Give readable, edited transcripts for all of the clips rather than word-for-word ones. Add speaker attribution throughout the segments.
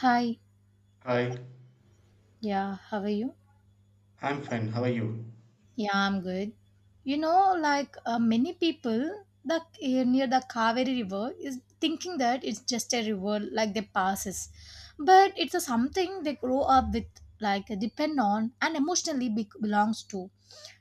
Speaker 1: Hi,
Speaker 2: Hi,
Speaker 1: yeah, how are you?
Speaker 2: I'm fine. How are you?
Speaker 1: Yeah, I'm good. You know, like many people, the near the Kaveri River is thinking that it's just a river like they passes, but it's a something they grow up with, like depend on, and emotionally belongs to.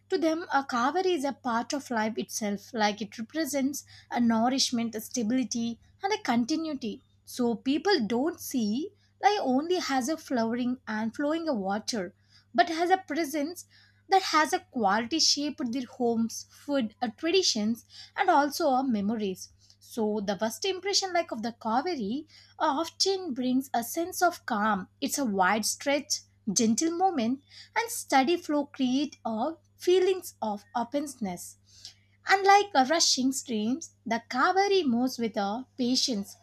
Speaker 1: To them, a kaveri is a part of life itself, like it represents a nourishment, a stability, and a continuity. So people don't see life only has a flowering and flowing of water, but has a presence that has a quality shaped their homes, food, traditions, and also our memories. So the first impression like of the Kaveri often brings a sense of calm. It's a wide stretch, gentle movement, and steady flow create a feelings of openness. Unlike a rushing streams, the Kaveri moves with a patience,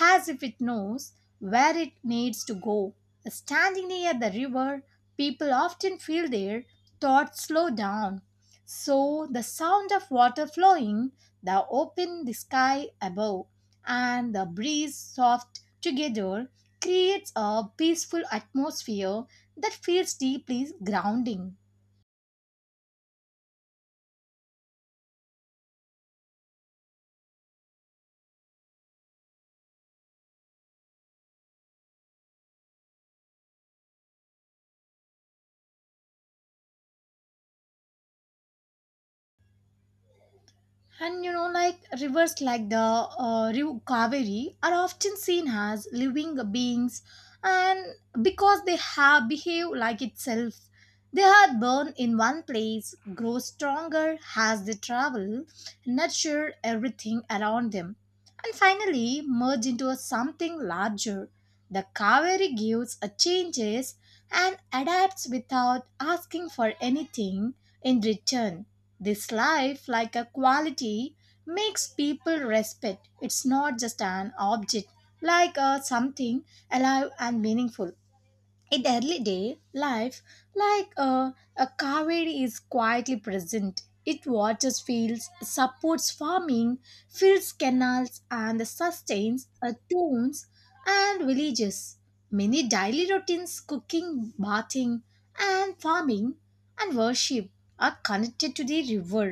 Speaker 1: as if it knows where it needs to go. Standing near the river, people often feel their thoughts slow down. So the sound of water flowing, the open the sky above, and the breeze soft together creates a peaceful atmosphere that feels deeply grounding. And you know, like rivers like the River Kaveri are often seen as living beings, and because they have behave like itself, they are born in one place, grow stronger as they travel, nurture everything around them, and finally merge into something larger. The Kaveri gives a changes and adapts without asking for anything in return. This life like a quality makes people respect. It's not just an object, like something alive and meaningful in early day life like a caveri is quietly present it waters fields supports farming fills canals and sustains towns and villages many daily routines cooking bathing and farming and worship are connected to the river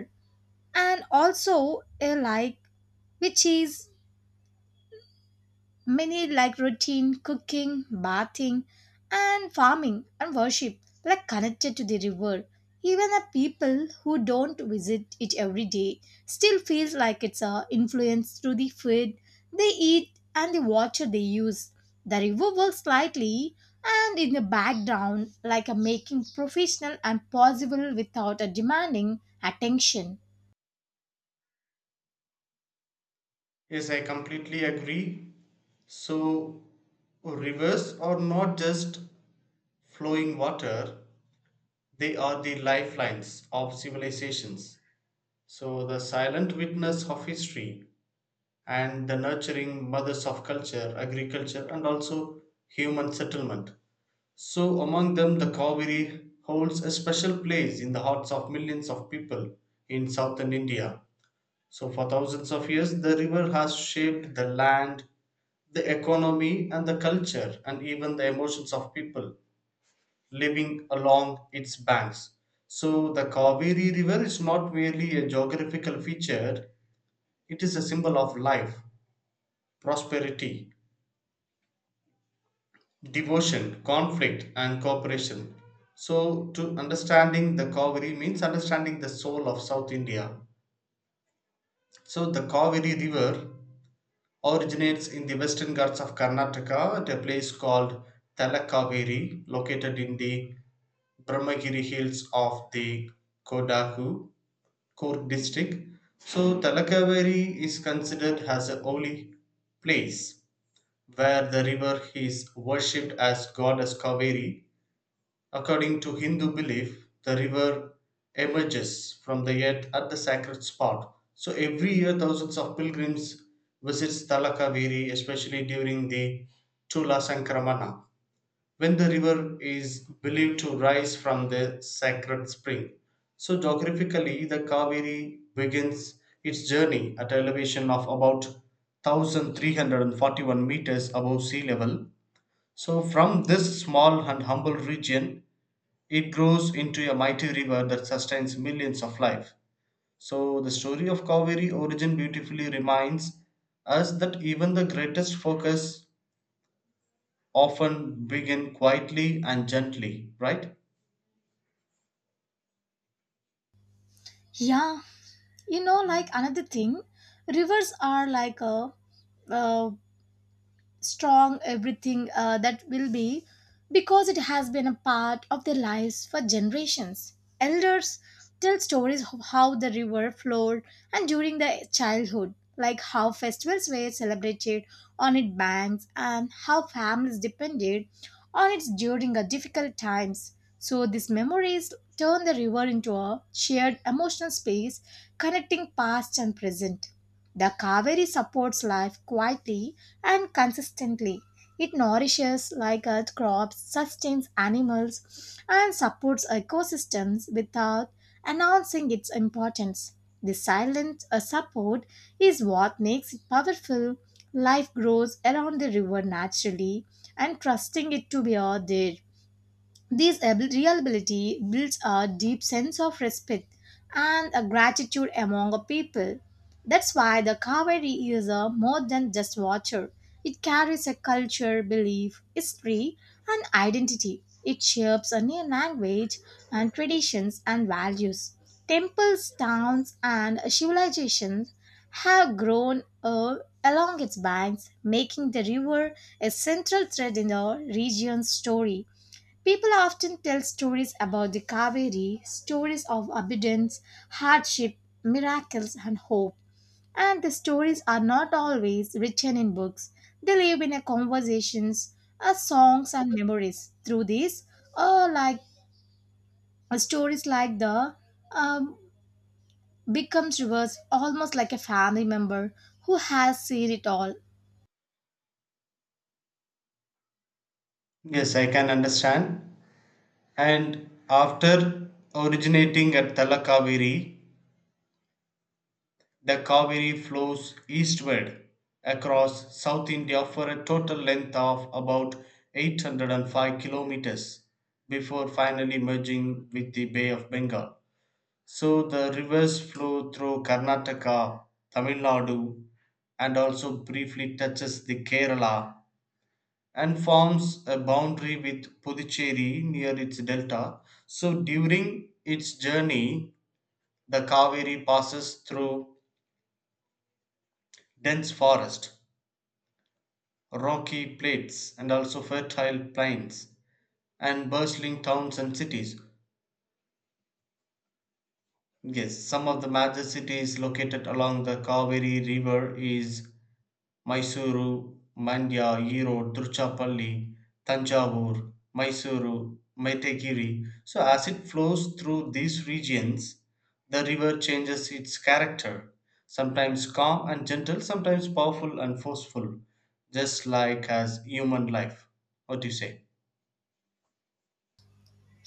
Speaker 1: and also a like which is many like routine, cooking, bathing, and farming and worship, like connected to the river. Even the people who don't visit it every day still feels like it's a influence through the food they eat and the water they use. The river works slightly and in the background, like a making professional and possible without a demanding attention.
Speaker 2: Yes, I completely agree. So, rivers are not just flowing water, they are the lifelines of civilizations. So, the silent witness of history and the nurturing mothers of culture, agriculture, and also human settlement. So, among them, the Kaveri holds a special place in the hearts of millions of people in southern India. So, for thousands of years, the river has shaped the land, the economy, and the culture, and even the emotions of people living along its banks. So, the Kaveri River is not merely a geographical feature, it is a symbol of life, prosperity, devotion, conflict, and cooperation. So, to understanding the Kaveri means understanding the soul of South India. So, the Kaveri River originates in the western Ghats of Karnataka at a place called Talakaveri, located in the Brahmagiri hills of the Kodagu, Korg district. So, Talakaveri is considered as a holy place where the river is worshipped as goddess Kaveri. According to Hindu belief, the river emerges from the earth at the sacred spot. So every year, thousands of pilgrims visits Talakaveri, especially during the Tula Sankramana, when the river is believed to rise from the sacred spring. So geographically, the Kaveri begins its journey at elevation of about 1341 meters above sea level. So from this small and humble region, it grows into a mighty river that sustains millions of life. So the story of Kaveri origin beautifully reminds us that even the greatest focus often begin quietly and gently, right?
Speaker 1: Yeah, you know, like another thing, rivers are like a uh, strong everything that will be because it has been a part of their lives for generations. Elders tell stories of how the river flowed and during their childhood, like how festivals were celebrated on its banks and how families depended on it during a difficult times. So these memories turn the river into a shared emotional space connecting past and present. The Kaveri supports life quietly and consistently. It nourishes like earth crops, sustains animals, and supports ecosystems without announcing its importance. The silent support is what makes it powerful. Life grows around the river naturally and trusting it to be out there. This real ability builds a deep sense of respect and a gratitude among a people. That's why the Kaveri is a more than just water. It carries a culture, belief, history, and identity. It shapes a new language and traditions and values. Temples, towns, and civilizations have grown along its banks, making the river a central thread in the region's story. People often tell stories about the Kaveri, stories of abundance, hardship, miracles, and hope. And the stories are not always written in books, they live in a conversations, songs, and memories. Through these, uh, like stories like the um, becomes reverse, almost like a family member who has seen it all.
Speaker 2: Yes, I can understand. And after originating at Talakaveri, the Kaveri flows eastward across South India for a total length of about 805 kilometers before finally merging with the Bay of Bengal. So the rivers flow through Karnataka, Tamil Nadu, and also briefly touches the Kerala and forms a boundary with Puducherry near its delta. So during its journey, the Kaveri passes through dense forest, Rocky plates, and also fertile plains, and bustling towns and cities. Yes, some of the major cities located along the Kaveri river is Mysuru, Mandya, Erode, Tiruchirappalli, Thanjavur, Mysuru, Maitagiri. So as it flows through these regions, the river changes its character, sometimes calm and gentle, sometimes powerful and forceful, just like as human life. What do you say?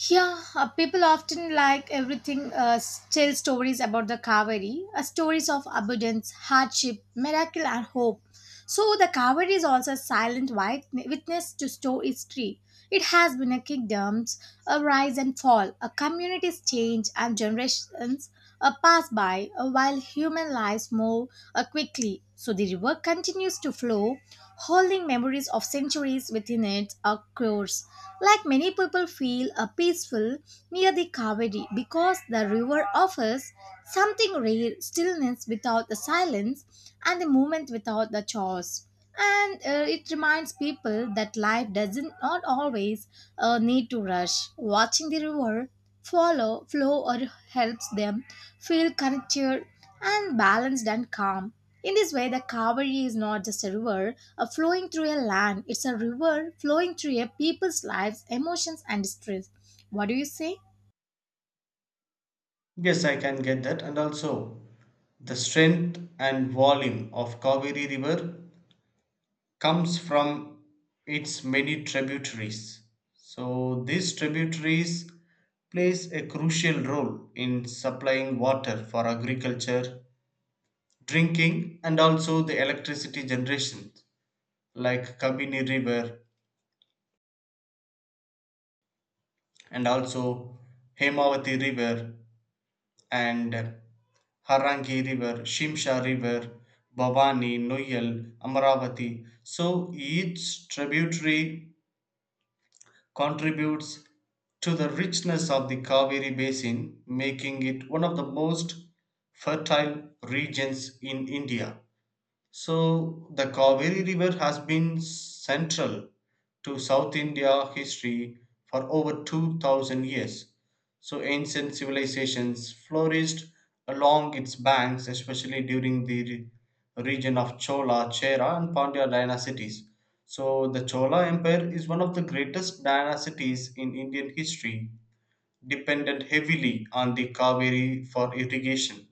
Speaker 1: Yeah, people often like everything, tell stories about the Kaveri, stories of abundance, hardship, miracle, and hope. So, the Kaveri is also a silent white witness to store history. It has been a kingdom's a rise and fall, a community's change, and generations pass by while human lives move quickly. So, the river continues to flow holding memories of centuries within it, of course. Like many people feel a peaceful near the Kaveri because the river offers something rare, stillness without the silence and the movement without the chores. And it reminds people that life doesn't not always need to rush. Watching the river follow flow or helps them feel connected and balanced and calm. In this way, the Kaveri is not just a river, a flowing through a land. It's a river flowing through a people's lives, emotions, and stress. What do you say?
Speaker 2: Yes, I can get that. And also, the strength and volume of Kaveri River comes from its many tributaries. So, these tributaries plays a crucial role in supplying water for agriculture, drinking, and also the electricity generation, like Kabini River and also Hemavati River and Harangi River, Shimsha River, Bhavani, Noyal, Amaravati. So each tributary contributes to the richness of the Kaveri basin, making it one of the most fertile regions in India. So the Kaveri River has been central to South India history for over 2000 years. So ancient civilizations flourished along its banks, especially during the region of Chola, Chera, and Pandya dynasties. So the Chola Empire is one of the greatest dynasties in Indian history, dependent heavily on the Kaveri for irrigation.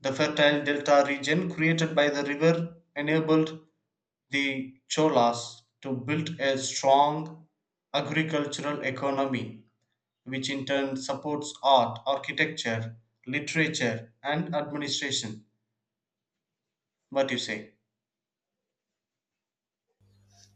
Speaker 2: The fertile delta region created by the river enabled the Cholas to build a strong agricultural economy, which in turn supports art, architecture, literature, and administration. What do you say?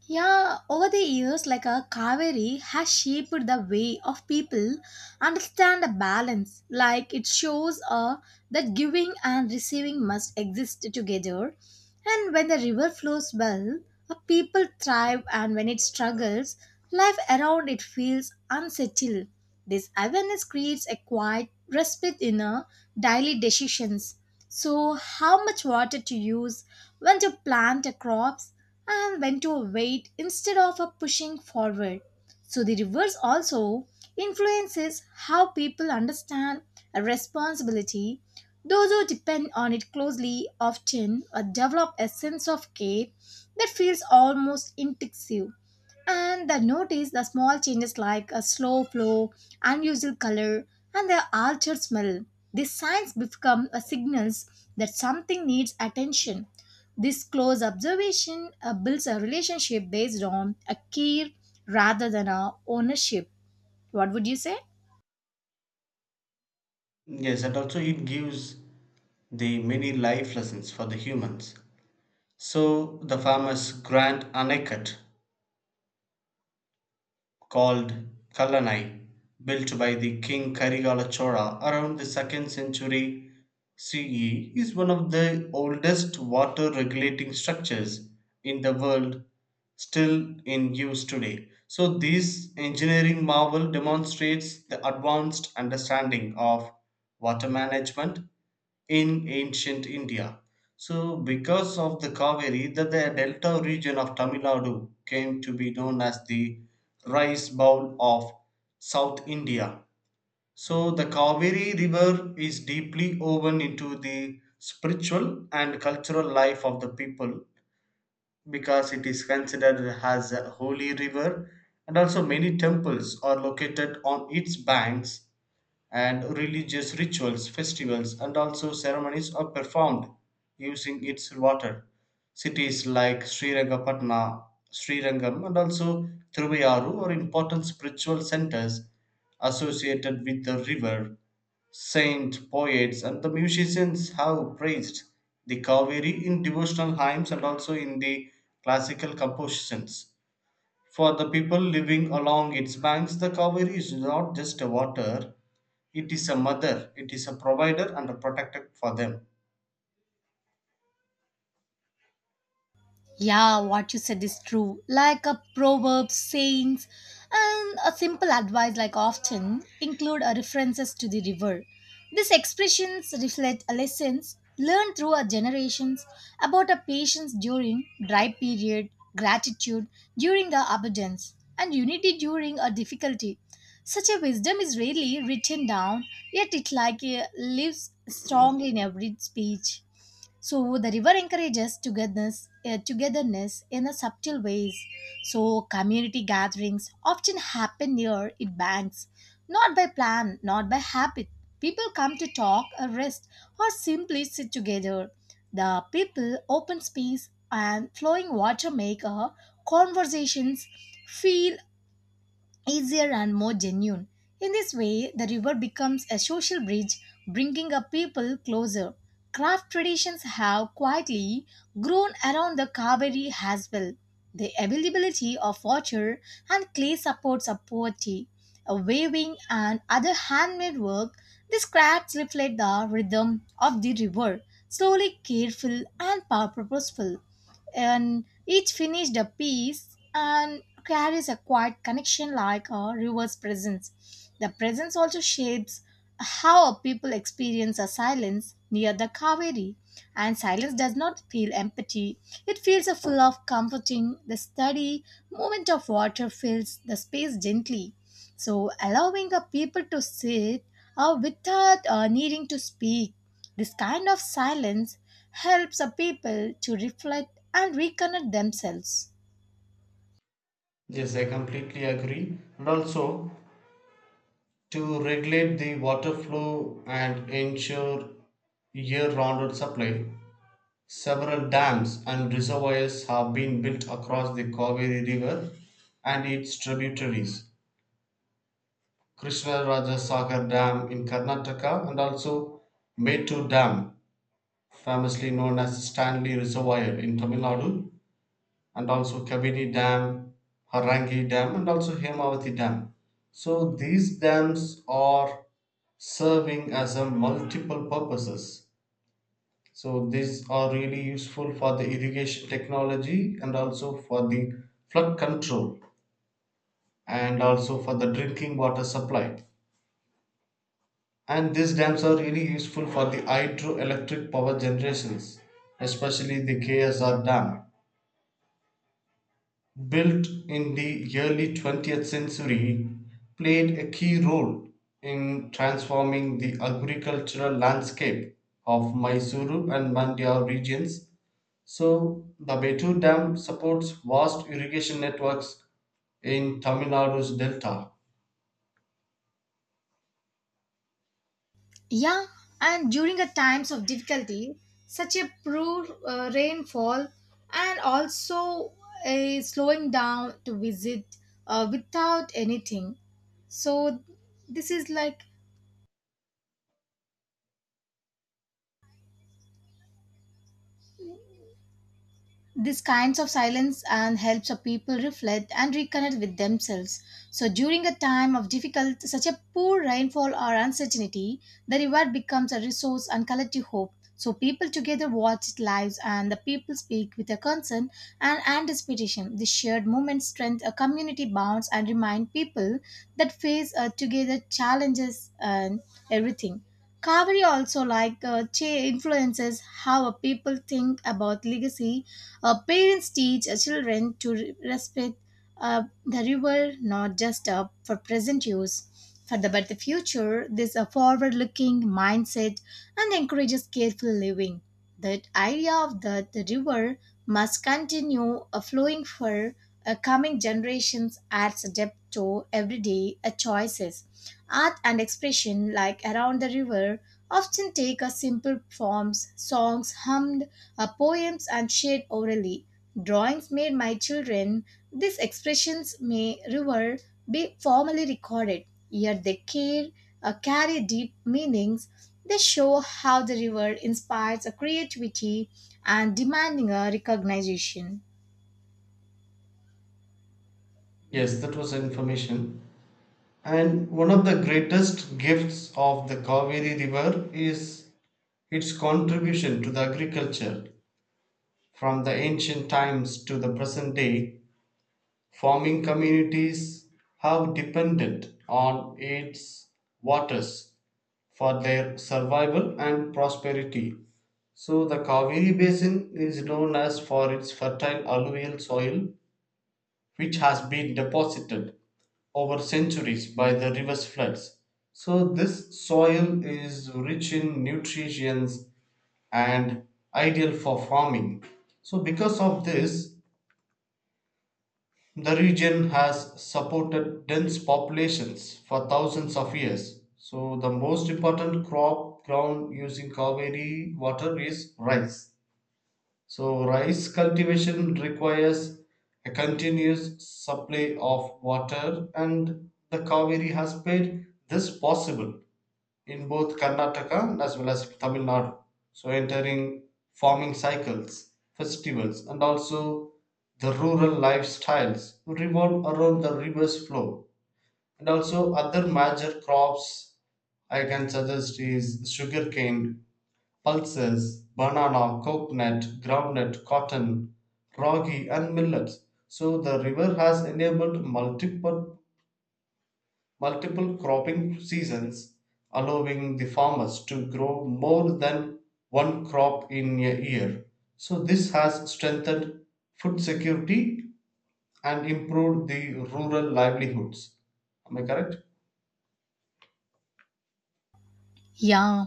Speaker 1: Yeah, over the years, like a Kaveri has shaped the way of people understand the balance. Like it shows that giving and receiving must exist together. And when the river flows well, a people thrive, and when it struggles, life around it feels unsettled. This awareness creates a quiet respite in our daily decisions. So, how much water to use, when to plant the crops, and when to wait instead of a pushing forward. So the reverse also influences how people understand a responsibility. Those who depend on it closely often develop a sense of care that feels almost intuitive and they notice the small changes like a slow flow, unusual color, and the altered smell. These signs become a signals that something needs attention. This close observation builds a relationship based on a care rather than a ownership. What would you say?
Speaker 2: Yes, and also it gives the many life lessons for the humans. So the famous Grand Anakat called Kallanai, built by the king Karigala Chola around the 2nd century CE, is one of the oldest water regulating structures in the world still in use today. So, this engineering marvel demonstrates the advanced understanding of water management in ancient India. So, because of the Kaveri, that the delta region of Tamil Nadu came to be known as the rice bowl of South India. So, the Kaveri River is deeply woven into the spiritual and cultural life of the people because it is considered as a holy river, and also many temples are located on its banks and religious rituals, festivals, and also ceremonies are performed using its water. Cities like Srirangapatna, Srirangam, and also Thiruvayaru are important spiritual centers associated with the river. Saint poets and the musicians have praised the Kaveri in devotional hymns and also in the classical compositions. For the people living along its banks, the Kaveri is not just a water, it is a mother, it is a provider and a protector for them.
Speaker 1: Yeah, what you said is true. Like a proverb, sayings, and a simple advice, like often include a references to the river. These expressions reflect lessons learned through our generations about a patience during dry period, gratitude during the abundance, and unity during a difficulty. Such a wisdom is rarely written down, yet it like lives strongly in every speech. So the river encourages togetherness, togetherness in a subtle ways. So community gatherings often happen near its banks, not by plan, not by habit. People come to talk, or rest, or simply sit together. The people, open space, and flowing water make a conversations feel easier and more genuine. In this way, the river becomes a social bridge, bringing a people closer. Craft traditions have quietly grown around the Kaveri as well. The availability of water and clay supports a poetry, a weaving and other handmade work. These crafts reflect the rhythm of the river, slowly careful and purposeful and each finished a piece and carries a quiet connection like a river's presence. The presence also shapes how a people experience a silence near the Kaveri, and silence does not feel empty. It feels a full of comforting. The steady movement of water fills the space gently, so allowing a people to sit without needing to speak. This kind of silence helps a people to reflect and reconnect themselves.
Speaker 2: Yes, I completely agree. And also, to regulate the water flow and ensure year round supply, several dams and reservoirs have been built across the Kaveri River and its tributaries. Krishna Raja Sagar Dam in Karnataka and also Mettur Dam, famously known as Stanley Reservoir in Tamil Nadu, and also Kaveri Dam, Harangi Dam, and also Hemavati Dam. So these dams are serving as a multiple purposes. So these are really useful for the irrigation technology and also for the flood control and also for the drinking water supply. And these dams are really useful for the hydroelectric power generations, especially the KSR dam, built in the early 20th century, played a key role in transforming the agricultural landscape of Mysuru and Mandya regions. So, the Betu Dam supports vast irrigation networks in Tamil Nadu's delta.
Speaker 1: Yeah, and during the times of difficulty, such a poor rainfall and also a slowing down to visit without anything. So this is like these kinds of silence and helps a people reflect and reconnect with themselves. So during a time of difficult such a poor rainfall or uncertainty the river becomes a resource and collective hope, so people together watch its lives and the people speak with a concern and anticipation. This shared moment strengthens a community bonds and remind people that face together challenges and everything. Kaveri also like influences how a people think about legacy. Parents teach children to respect the river, not just for present use, for the, but the future. This a forward-looking mindset and encourages careful living. That idea of that the river must continue flowing for coming generations adds a depth to everyday choices. Art and expression like around the river often take a simple forms, songs hummed, poems and shared orally. Drawings made by children. These expressions may never be formally recorded, yet they care, carry deep meanings. They show how the river inspires a creativity and demanding a recognition.
Speaker 2: Yes, that was information. And one of the greatest gifts of the Kaveri River is its contribution to the agriculture. From the ancient times to the present day, farming communities have depended on its waters for their survival and prosperity. So, the Kaveri Basin is known as for its fertile alluvial soil, which has been deposited over centuries by the river's floods. So, this soil is rich in nutrients and ideal for farming. So, because of this, the region has supported dense populations for thousands of years. So, the most important crop ground using Kaveri water is rice. So, rice cultivation requires a continuous supply of water, and the Kaveri has made this possible in both Karnataka as well as Tamil Nadu. So entering farming cycles, festivals, and also the rural lifestyles revolve around the river's flow. And also other major crops I can suggest is sugarcane, pulses, banana, coconut, groundnut, cotton, ragi, and millets. So the river has enabled multiple cropping seasons, allowing the farmers to grow more than one crop in a year. So this has strengthened food security and improved the rural livelihoods. Am I correct?
Speaker 1: Yeah,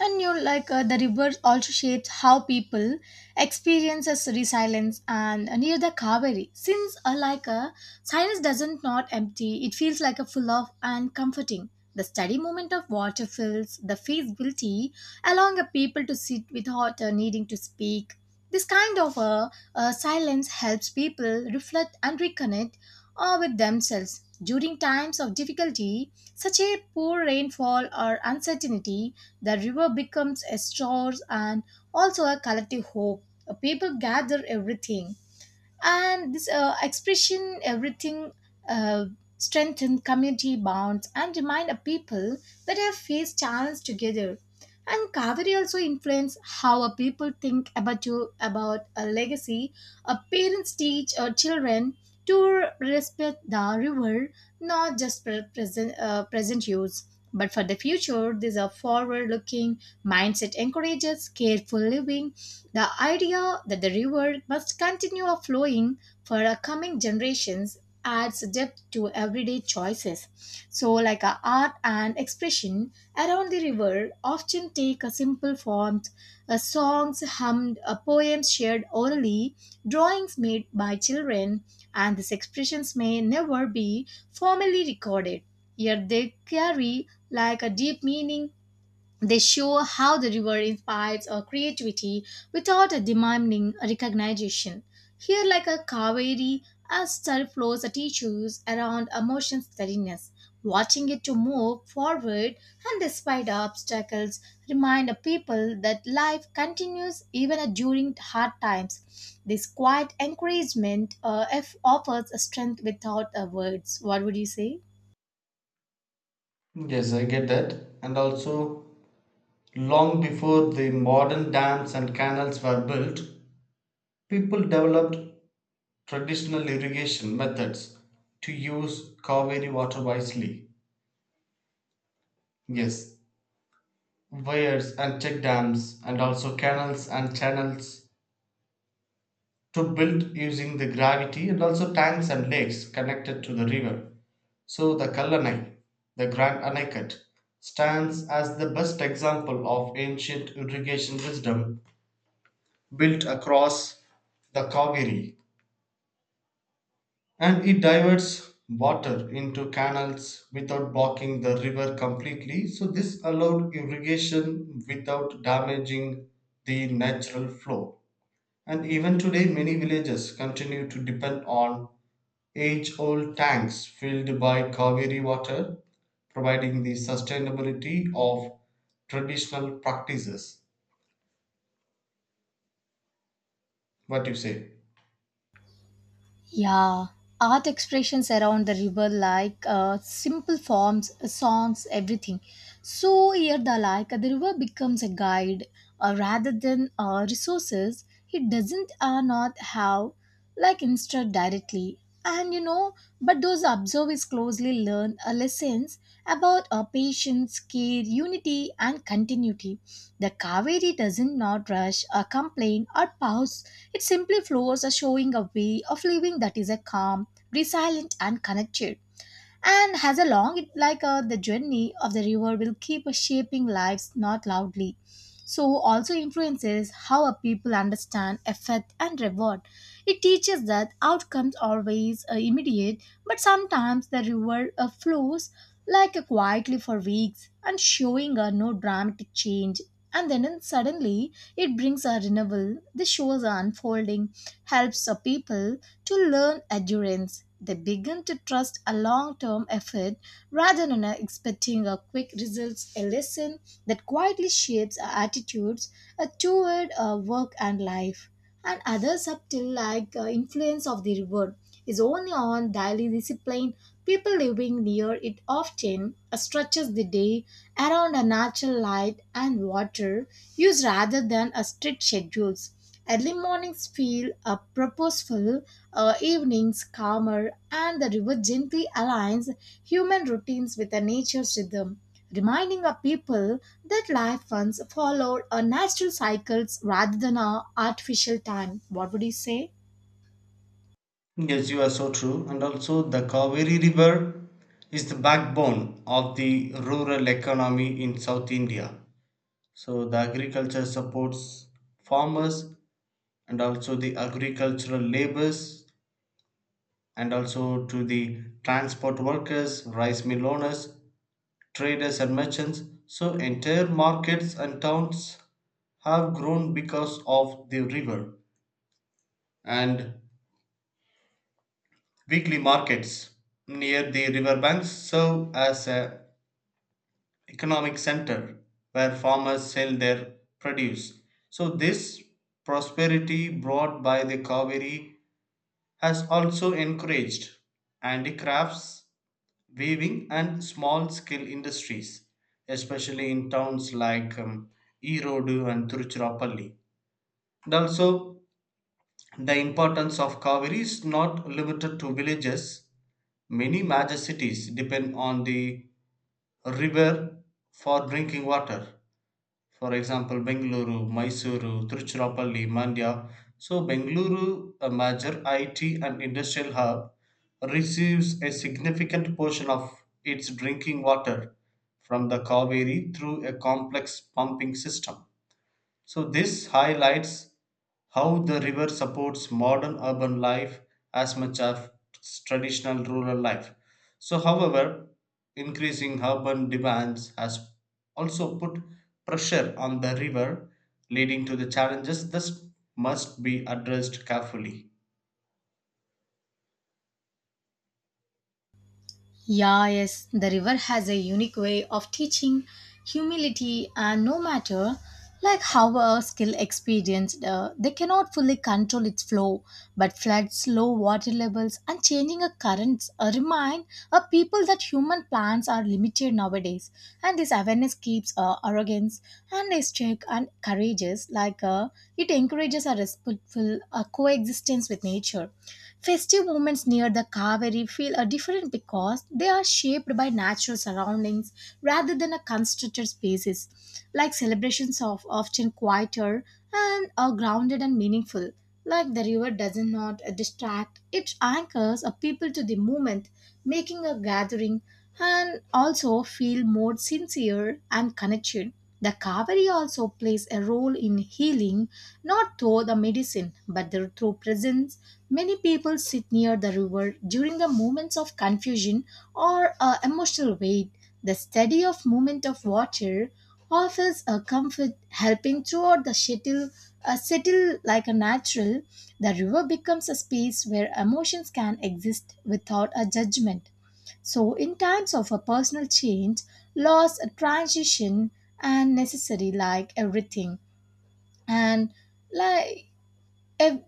Speaker 1: and you like the river also shapes how people experiences resilience and near the Kaveri. Since like a silence doesn't not empty, it feels like a full of and comforting. The steady movement of water fills the feasibility, allowing a people to sit without needing to speak. This kind of silence helps people reflect and reconnect with themselves. During times of difficulty, such a poor rainfall or uncertainty, the river becomes a source and also a collective hope. People gather everything and this expression everything uh, strengthen community bonds and remind a people that have faced challenges together. And Kaveri also influence how a people think about you about a legacy. A parents teach our children to respect the river, not just for present present use, but for the future. This a forward-looking mindset encourages careful living, the idea that the river must continue flowing for our coming generations adds depth to everyday choices. So, like our art and expression around the river often take a simple form, a songs hummed, a poems shared orally, drawings made by children, and these expressions may never be formally recorded. Yet they carry like a deep meaning. They show how the river inspires our creativity without a demanding recognition. Here, like a Kaveri, a star flows at issues around emotion steadiness. Watching it to move forward and despite obstacles, remind the people that life continues even during hard times. This quiet encouragement offers a strength without words. What would you say?
Speaker 2: Yes, I get that. And also, long before the modern dams and canals were built, people developed traditional irrigation methods to use Kaveri water wisely. Yes, weirs and check dams and also canals and channels to build using the gravity, and also tanks and lakes connected to the river. So the Kallanai, the Grand Anaikat, stands as the best example of ancient irrigation wisdom built across the Kaveri, and it diverts water into canals without blocking the river completely. So this allowed irrigation without damaging the natural flow. And even today, many villages continue to depend on age old tanks filled by Kaveri water, providing the sustainability of traditional practices. What you say?
Speaker 1: Yeah, art expressions around the river, like simple forms, songs, everything. So here, the like the river becomes a guide, rather than resources. It doesn't not have like instruct directly, and but those observers closely learn lessons about patience, care, unity, and continuity. The Kaveri doesn't not rush, complain, or pause. It simply flows, showing a way of living that is a calm, resilient, and connected, and has a long it like the journey of the river will keep shaping lives not loudly, so also influences how a people understand effect and reward. It teaches that outcomes always are immediate, but sometimes the river flows like quietly for weeks and showing no dramatic change, and then suddenly it brings a renewal. This shows a unfolding helps a people to learn endurance. They begin to trust a long term effort rather than expecting a quick results, a lesson that quietly shapes our attitudes toward work and life. And other subtle like influence of the river is only on daily discipline. People living near it often stretches the day around a natural light and water use rather than a strict schedules. Early mornings feel purposeful, evenings calmer, and the river gently aligns human routines with the nature's rhythm, reminding our people that life once followed a natural cycles rather than a artificial time. What would you say?
Speaker 2: Yes, you are so true. And also, the Kaveri River is the backbone of the rural economy in South India. So, the agriculture supports farmers and also the agricultural labors and also to the transport workers, rice mill owners, traders, and merchants. So, entire markets and towns have grown because of the river, and weekly markets near the river banks serve as an economic center where farmers sell their produce. So, this prosperity brought by the Kaveri has also encouraged handicrafts, weaving, and small scale industries, especially in towns like Erodu and Tiruchirappalli. And also, the importance of Kaveri is not limited to villages. Many major cities depend on the river for drinking water, for example Bengaluru, Mysuru, Tiruchirappalli, Mandya. So Bengaluru, a major IT and industrial hub, receives a significant portion of its drinking water from the Kaveri through a complex pumping system. So, this highlights how the river supports modern urban life as much as traditional rural life. So, however, increasing urban demands has also put pressure on the river, leading to the challenges that must be addressed carefully.
Speaker 1: Yeah, yes, the river has a unique way of teaching humility, and no matter like how a skill experienced, they cannot fully control its flow. But floods, low water levels, and changing of currents remind a people that human plans are limited nowadays. And this awareness keeps arrogance and is check and courageous. Like it encourages a respectful coexistence with nature. Festive moments near the Kaveri feel different because they are shaped by natural surroundings rather than a constructed spaces. Like celebrations are often quieter and are grounded and meaningful. Like the river does not distract, it anchors a people to the moment, making a gathering and also feel more sincere and connected. The Kaveri also plays a role in healing, not through the medicine, but through presence. Many people sit near the river during the moments of confusion or emotional weight. The study of movement of water offers a comfort, helping throughout the shuttle, settle like a natural. The river becomes a space where emotions can exist without a judgment. So, in times of a personal change, loss, a transition, and necessary, like everything, and like every,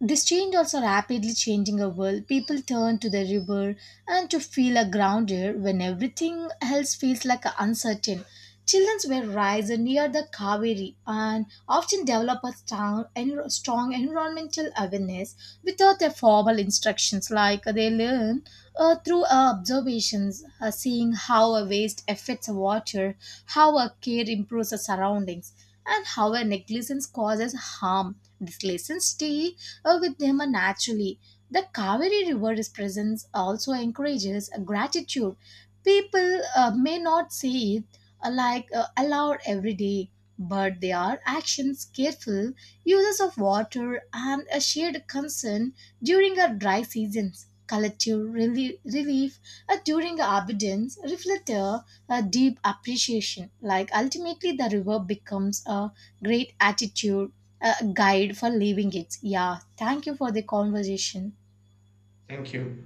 Speaker 1: this change also rapidly changing our world. People turn to the river and to feel a grounded when everything else feels like uncertain. Children will rise near the Kaveri and often develop a strong, strong environmental awareness without their formal instructions, like they learn through observations, seeing how a waste affects water, how a care improves the surroundings, and how a negligence causes harm. These lessons stay with them naturally. The Kaveri River's presence also encourages gratitude. People may not say it like aloud every day, but they are actions, careful uses of water, and a shared concern during our dry seasons. Collective relief during abundance reflect a deep appreciation. Like ultimately, the river becomes a great attitude, a guide for living it. Yeah, thank you for the conversation.
Speaker 2: Thank you.